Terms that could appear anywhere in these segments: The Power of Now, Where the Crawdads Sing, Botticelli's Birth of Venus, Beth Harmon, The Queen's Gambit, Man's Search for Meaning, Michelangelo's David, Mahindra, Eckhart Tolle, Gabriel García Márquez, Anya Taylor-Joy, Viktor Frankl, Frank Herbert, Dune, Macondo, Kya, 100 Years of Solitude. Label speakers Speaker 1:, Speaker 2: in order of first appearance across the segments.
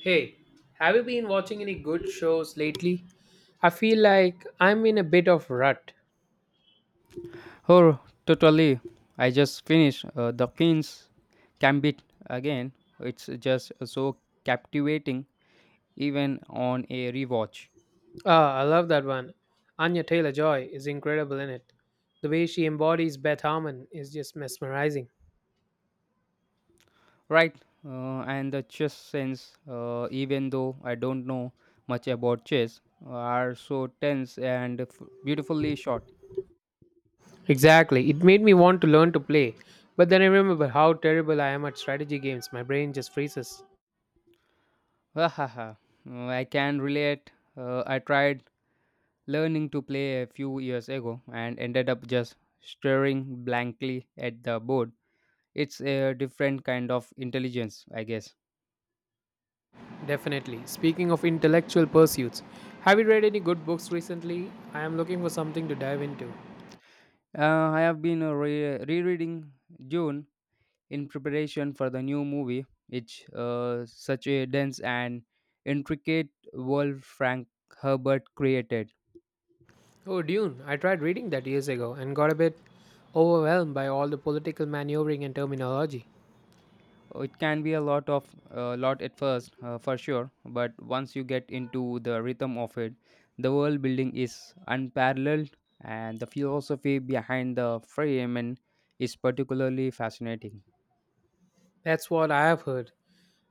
Speaker 1: Hey, have you been watching any good shows lately? I feel like I'm in a bit of rut.
Speaker 2: Oh, totally. I just finished The Queen's Gambit again. It's just so captivating, even on a rewatch.
Speaker 1: Ah, I love that one. Anya Taylor-Joy is incredible in it. The way she embodies Beth Harmon is just mesmerizing.
Speaker 2: Right, and the chess sense, even though I don't know much about chess, are so tense and beautifully shot.
Speaker 1: Exactly. It made me want to learn to play, but then I remember how terrible I am at strategy games. My brain just freezes.
Speaker 2: Hahaha, I can relate. I tried learning to play a few years ago and ended up just staring blankly at the board. It's a different kind of intelligence, I guess.
Speaker 1: Definitely. Speaking of intellectual pursuits, have you read any good books recently? I am looking for something to dive into.
Speaker 2: I have been rereading June in preparation for the new movie. It's such a dense and intricate world Frank Herbert created.
Speaker 1: Oh, Dune. I tried reading that years ago and got a bit overwhelmed by all the political maneuvering and terminology.
Speaker 2: It can be a lot of lot at first, for sure, but once you get into the rhythm of it, the world building is unparalleled, and the philosophy behind the frame and is particularly fascinating.
Speaker 1: That's what I have heard.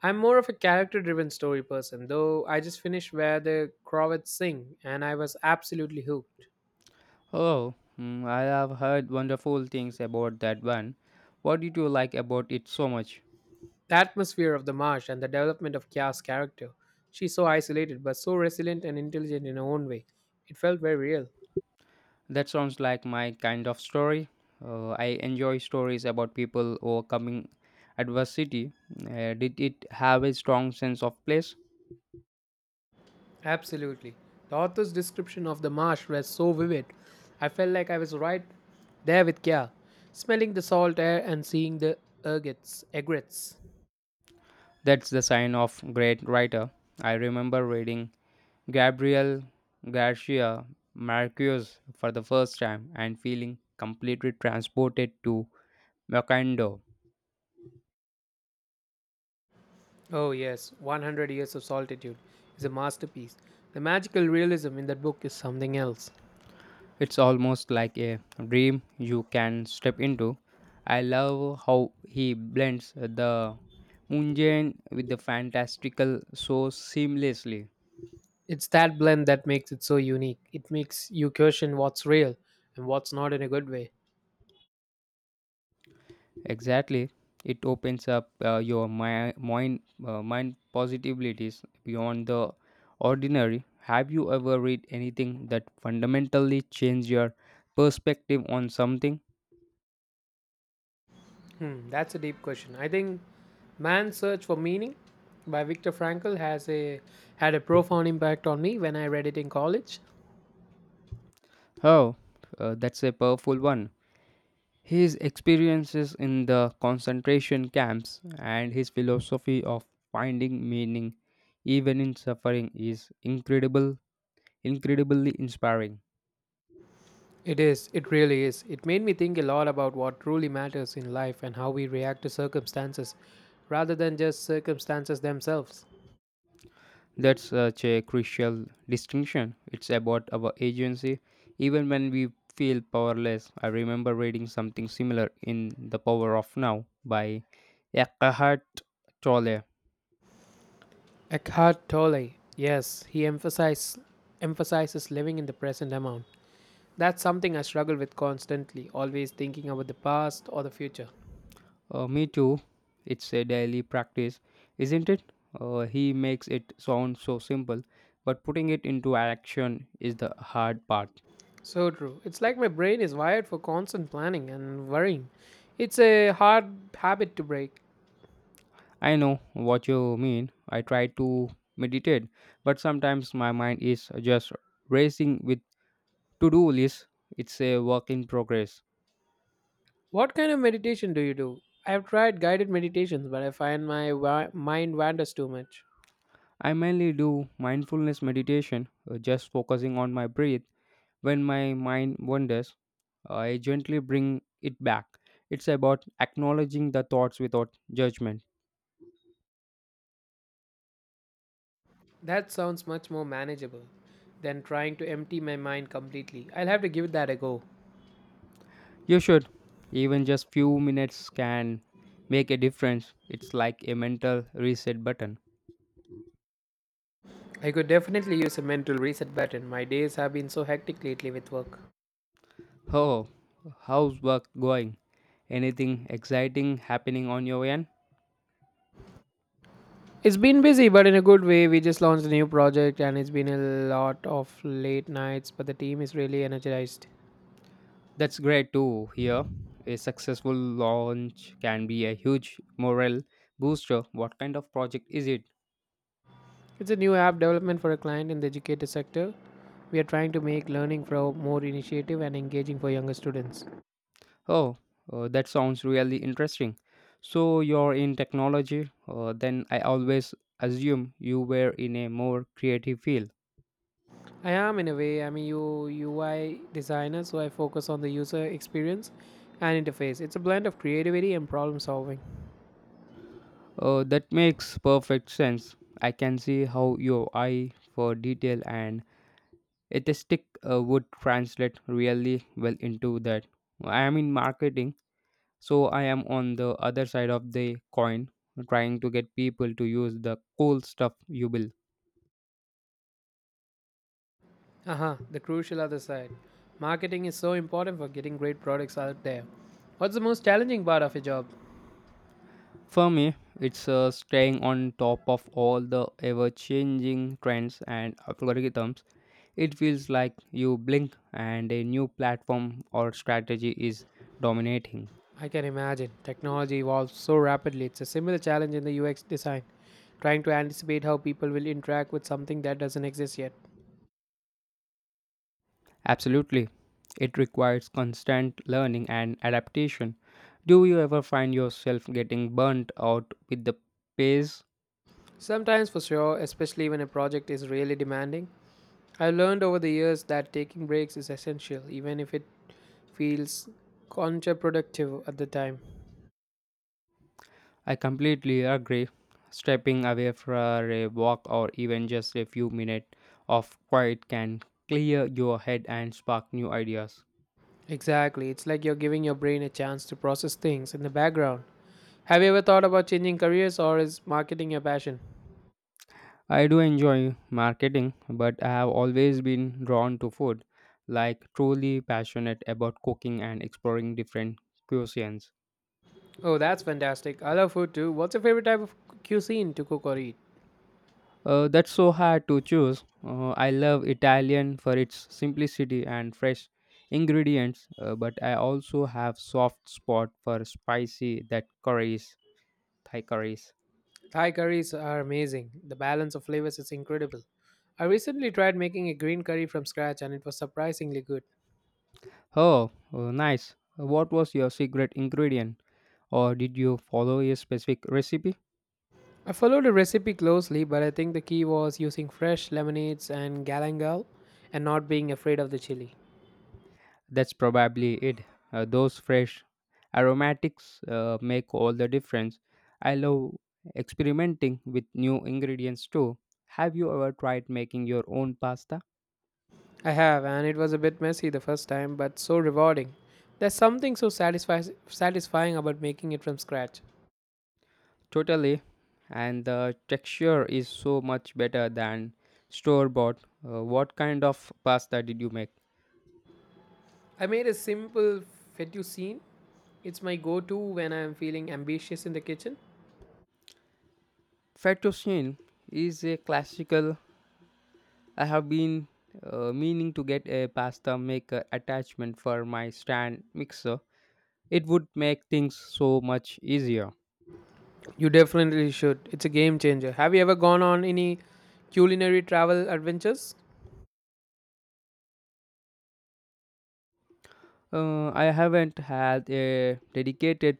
Speaker 1: I'm more of a character driven story person, though I just finished where the Crawdads sing and I was absolutely hooked.
Speaker 2: Oh, mm, I have heard wonderful things about that one. What did you like about it so much?
Speaker 1: The atmosphere of the marsh and the development of Kya's character. She's so isolated but so resilient and intelligent in her own way. It felt very real.
Speaker 2: That sounds like my kind of story. I enjoy stories about people overcoming adversity. Did it have a strong sense of place?
Speaker 1: Absolutely. The author's description of the marsh was so vivid. I felt like I was right there with Kya, smelling the salt air and seeing the egrets.
Speaker 2: That's the sign of great writer. I remember reading Gabriel Garcia Marquez for the first time and feeling completely transported to Macondo.
Speaker 1: Oh, yes, 100 Years of Solitude is a masterpiece. The magical realism in that book is something else.
Speaker 2: It's almost like a dream you can step into. I love how he blends the mundane with the fantastical so seamlessly.
Speaker 1: It's that blend that makes it so unique. It makes you question what's real and what's not in a good way.
Speaker 2: Exactly. It opens up mind mind possibilities beyond the ordinary. Have you ever read anything that fundamentally changed your perspective on something?
Speaker 1: Hmm, that's a deep question. I think Man's Search for Meaning by Viktor Frankl has a had a profound impact on me when I read it in college.
Speaker 2: Oh, that's a powerful one. His experiences in the concentration camps and his philosophy of finding meaning even in suffering is incredibly inspiring.
Speaker 1: It is, it really is. It made me think a lot about what truly matters in life and how we react to circumstances rather than just circumstances themselves.
Speaker 2: That's such a crucial distinction. It's about our agency, even when we feel powerless. I remember reading something similar in The Power of Now by Eckhart Tolle.
Speaker 1: Eckhart Tolle, yes, he emphasizes living in the present amount. That's something I struggle with constantly, always thinking about the past or the future.
Speaker 2: Me too. It's a daily practice, isn't it? He makes it sound so simple, but putting it into action is the hard part.
Speaker 1: So true. It's like my brain is wired for constant planning and worrying. It's a hard habit to break.
Speaker 2: I know what you mean. I try to meditate, but sometimes my mind is just racing with to do lists. It's a work in progress.
Speaker 1: What kind of meditation do you do? I've tried guided meditations, but I find my mind wanders too much.
Speaker 2: I mainly do mindfulness meditation, just focusing on my breath. When my mind wanders, I gently bring it back. It's about acknowledging the thoughts without judgment.
Speaker 1: That sounds much more manageable than trying to empty my mind completely. I'll have to give that a go.
Speaker 2: You should. Even just few minutes can make a difference. It's like a mental reset button.
Speaker 1: I could definitely use a mental reset button. My days have been so hectic lately with work.
Speaker 2: Oh, how's work going? Anything exciting happening on your end?
Speaker 1: It's been busy, but in a good way. We just launched a new project, and it's been a lot of late nights, but the team is really energized.
Speaker 2: That's great to hear. A successful launch can be a huge morale booster. What kind of project is it?
Speaker 1: It's a new app development for a client in the educator sector. We are trying to make learning flow more initiative and engaging for younger students.
Speaker 2: Oh, that sounds really interesting. So you're in technology, then I always assume you were in a more creative field.
Speaker 1: I am, in a way, I'm a UI designer, so I focus on the user experience and interface. It's a blend of creativity and problem solving.
Speaker 2: That makes perfect sense. I can see how your eye for detail and aesthetic would translate really well into that. I am in marketing, so I am on the other side of the coin, trying to get people to use the cool stuff you build.
Speaker 1: Aha, the crucial other side. Marketing is so important for getting great products out there. What's the most challenging part of your job?
Speaker 2: For me, it's staying on top of all the ever changing trends and algorithms. It feels like you blink and a new platform or strategy is dominating.
Speaker 1: I can imagine. Technology evolves so rapidly. It's a similar challenge in the UX design, trying to anticipate how people will interact with something that doesn't exist yet.
Speaker 2: Absolutely. It requires constant learning and adaptation. Do you ever find yourself getting burnt out with the pace?
Speaker 1: Sometimes, for sure, especially when a project is really demanding, I've learned over the years that taking breaks is essential, even if it feels counterproductive at the time.
Speaker 2: I completely agree. Stepping away for a walk or even just a few minutes of quiet can clear your head and spark new ideas.
Speaker 1: Exactly. It's like you're giving your brain a chance to process things in the background. Have you ever thought about changing careers or is marketing your passion?
Speaker 2: I do enjoy marketing, but I have always been drawn to food, like truly passionate about cooking and exploring different cuisines.
Speaker 1: Oh, that's fantastic. I love food too. What's your favorite type of cuisine to cook or eat?
Speaker 2: That's so hard to choose. I love Italian for its simplicity and fresh ingredients, but I also have soft spot for spicy that curries Thai curries.
Speaker 1: Thai curries are amazing. The balance of flavors is incredible. I recently tried making a green curry from scratch and it was surprisingly good.
Speaker 2: Oh, nice. What was your secret ingredient? Or did you follow a specific recipe?
Speaker 1: I followed the recipe closely, but I think the key was using fresh lemonades and galangal and not being afraid of the chili.
Speaker 2: That's probably it. Those fresh aromatics make all the difference. I love experimenting with new ingredients too. Have you ever tried making your own pasta?
Speaker 1: I have, and it was a bit messy the first time, but so rewarding. There's something so satisfying about making it from scratch.
Speaker 2: Totally. And the texture is so much better than store bought. What kind of pasta did you make?
Speaker 1: I made a simple fettuccine. It's my go to when I'm feeling ambitious in the kitchen.
Speaker 2: Fettuccine is a classical. I have been meaning to get a pasta maker attachment for my stand mixer. It would make things so much easier.
Speaker 1: You definitely should. It's a game changer. Have you ever gone on any culinary travel adventures?
Speaker 2: I haven't had a dedicated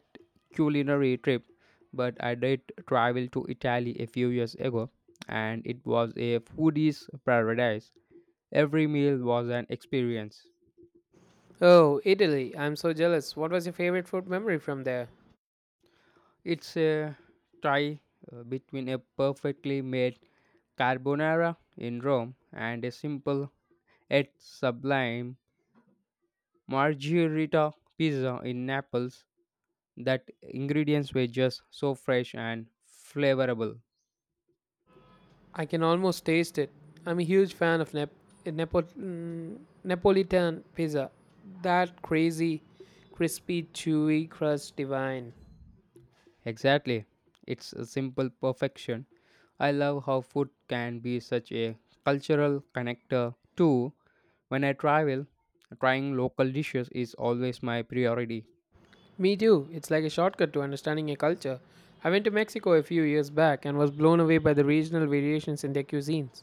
Speaker 2: culinary trip, but I did travel to Italy a few years ago, and it was a foodie's paradise. Every meal was an experience.
Speaker 1: Oh, Italy. I'm so jealous. What was your favorite food memory from there?
Speaker 2: It's a tie between a perfectly made carbonara in Rome and a simple yet sublime margherita pizza in Naples. That ingredients were just so fresh and flavorable.
Speaker 1: I can almost taste it. I'm a huge fan of Nepo- mm, Neapolitan pizza. That crazy, crispy, chewy crust divine.
Speaker 2: Exactly. It's a simple perfection. I love how food can be such a cultural connector too. When I travel, trying local dishes is always my priority.
Speaker 1: Me too. It's like a shortcut to understanding a culture. I went to Mexico a few years back and was blown away by the regional variations in their cuisines.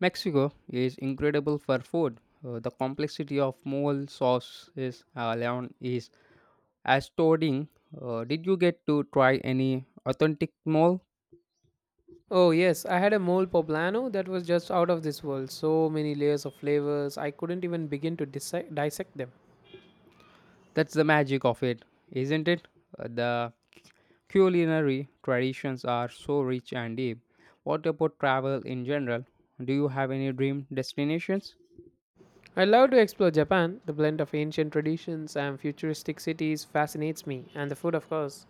Speaker 2: Mexico is incredible for food. The complexity of mole sauce is alone is astounding. Did you get to try any authentic mole?
Speaker 1: Oh, yes, I had a mole poblano that was just out of this world. So many layers of flavors, I couldn't even begin to dissect them.
Speaker 2: That's the magic of it, isn't it? The culinary traditions are so rich and deep. What about travel in general? Do you have any dream destinations?
Speaker 1: I love to explore Japan. The blend of ancient traditions and futuristic cities fascinates me, and the food, of course.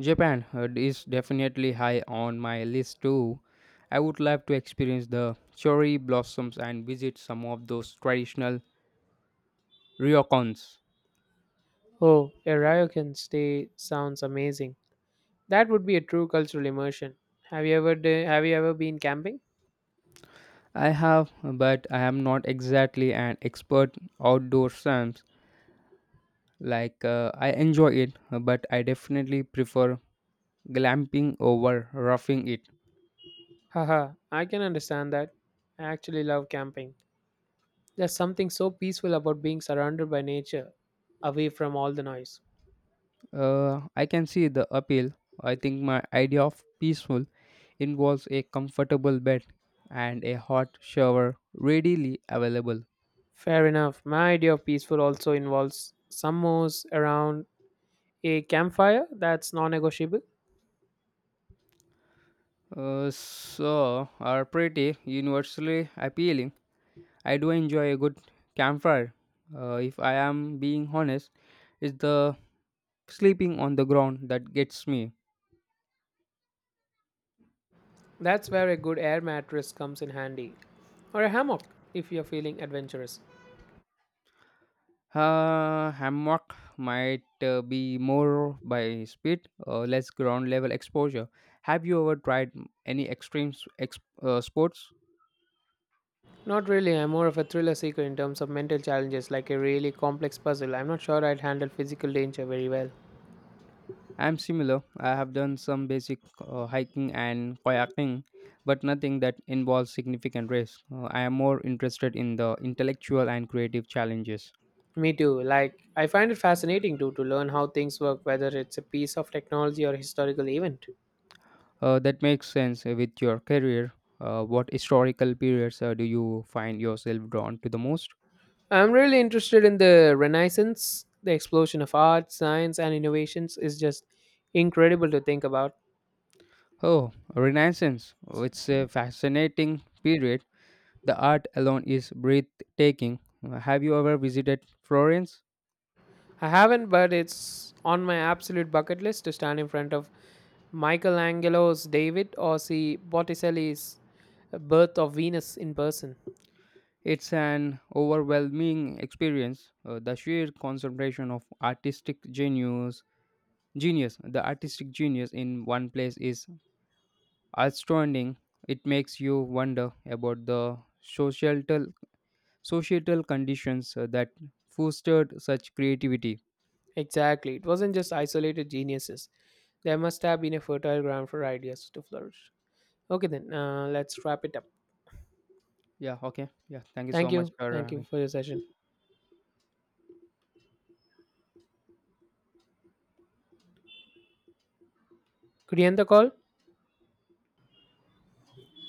Speaker 2: Japan is definitely high on my list too. I would love to experience the cherry blossoms and visit some of those traditional ryokans.
Speaker 1: Oh, a ryokan stay sounds amazing. That would be a true cultural immersion. Have you ever have you ever been camping?
Speaker 2: I have, but I am not exactly an expert outdoor sense. Like I enjoy it, but I definitely prefer glamping over roughing it.
Speaker 1: Haha, I can understand that. I actually love camping. There's something so peaceful about being surrounded by nature, away from all the noise.
Speaker 2: I can see the appeal. I think my idea of peaceful involves a comfortable bed and a hot shower readily available.
Speaker 1: Fair enough. My idea of peaceful also involves summers around a campfire that's non negotiable.
Speaker 2: So are pretty universally appealing. I do enjoy a good campfire. If I am being honest, it's the sleeping on the ground that gets me.
Speaker 1: That's where a good air mattress comes in handy, or a hammock if you're feeling adventurous.
Speaker 2: Hammock might be more by speed, less ground level exposure. Have you ever tried any sports?
Speaker 1: Not really, I'm more of a thriller seeker in terms of mental challenges, like a really complex puzzle. I'm not sure I'd handle physical danger very well.
Speaker 2: I'm similar. I have done some basic hiking and kayaking, but nothing that involves significant risk. I am more interested in the intellectual and creative challenges.
Speaker 1: Me too. Like, I find it fascinating too to learn how things work, whether it's a piece of technology or a historical event.
Speaker 2: That makes sense with your career. What historical periods do you find yourself drawn to the most?
Speaker 1: I'm really interested in the Renaissance. The explosion of art, science, and innovations is just incredible to think about.
Speaker 2: Oh, Renaissance. Oh, it's a fascinating period. The art alone is breathtaking. Have you ever visited Florence?
Speaker 1: I haven't, but it's on my absolute bucket list to stand in front of Michelangelo's David or see Botticelli's Birth of Venus in person.
Speaker 2: It's an overwhelming experience. The sheer concentration of artistic genius, genius, the artistic genius in one place is astounding. It makes you wonder about the societal conditions that fostered such creativity.
Speaker 1: Exactly. It wasn't just isolated geniuses, there must have been a fertile ground for ideas to flourish. Okay, then, let's wrap it up.
Speaker 2: Yeah. Okay. Yeah. Thank you so
Speaker 1: Thank
Speaker 2: much
Speaker 1: you.
Speaker 2: for
Speaker 1: Thank you
Speaker 2: having.
Speaker 1: for your session. Could you end the call?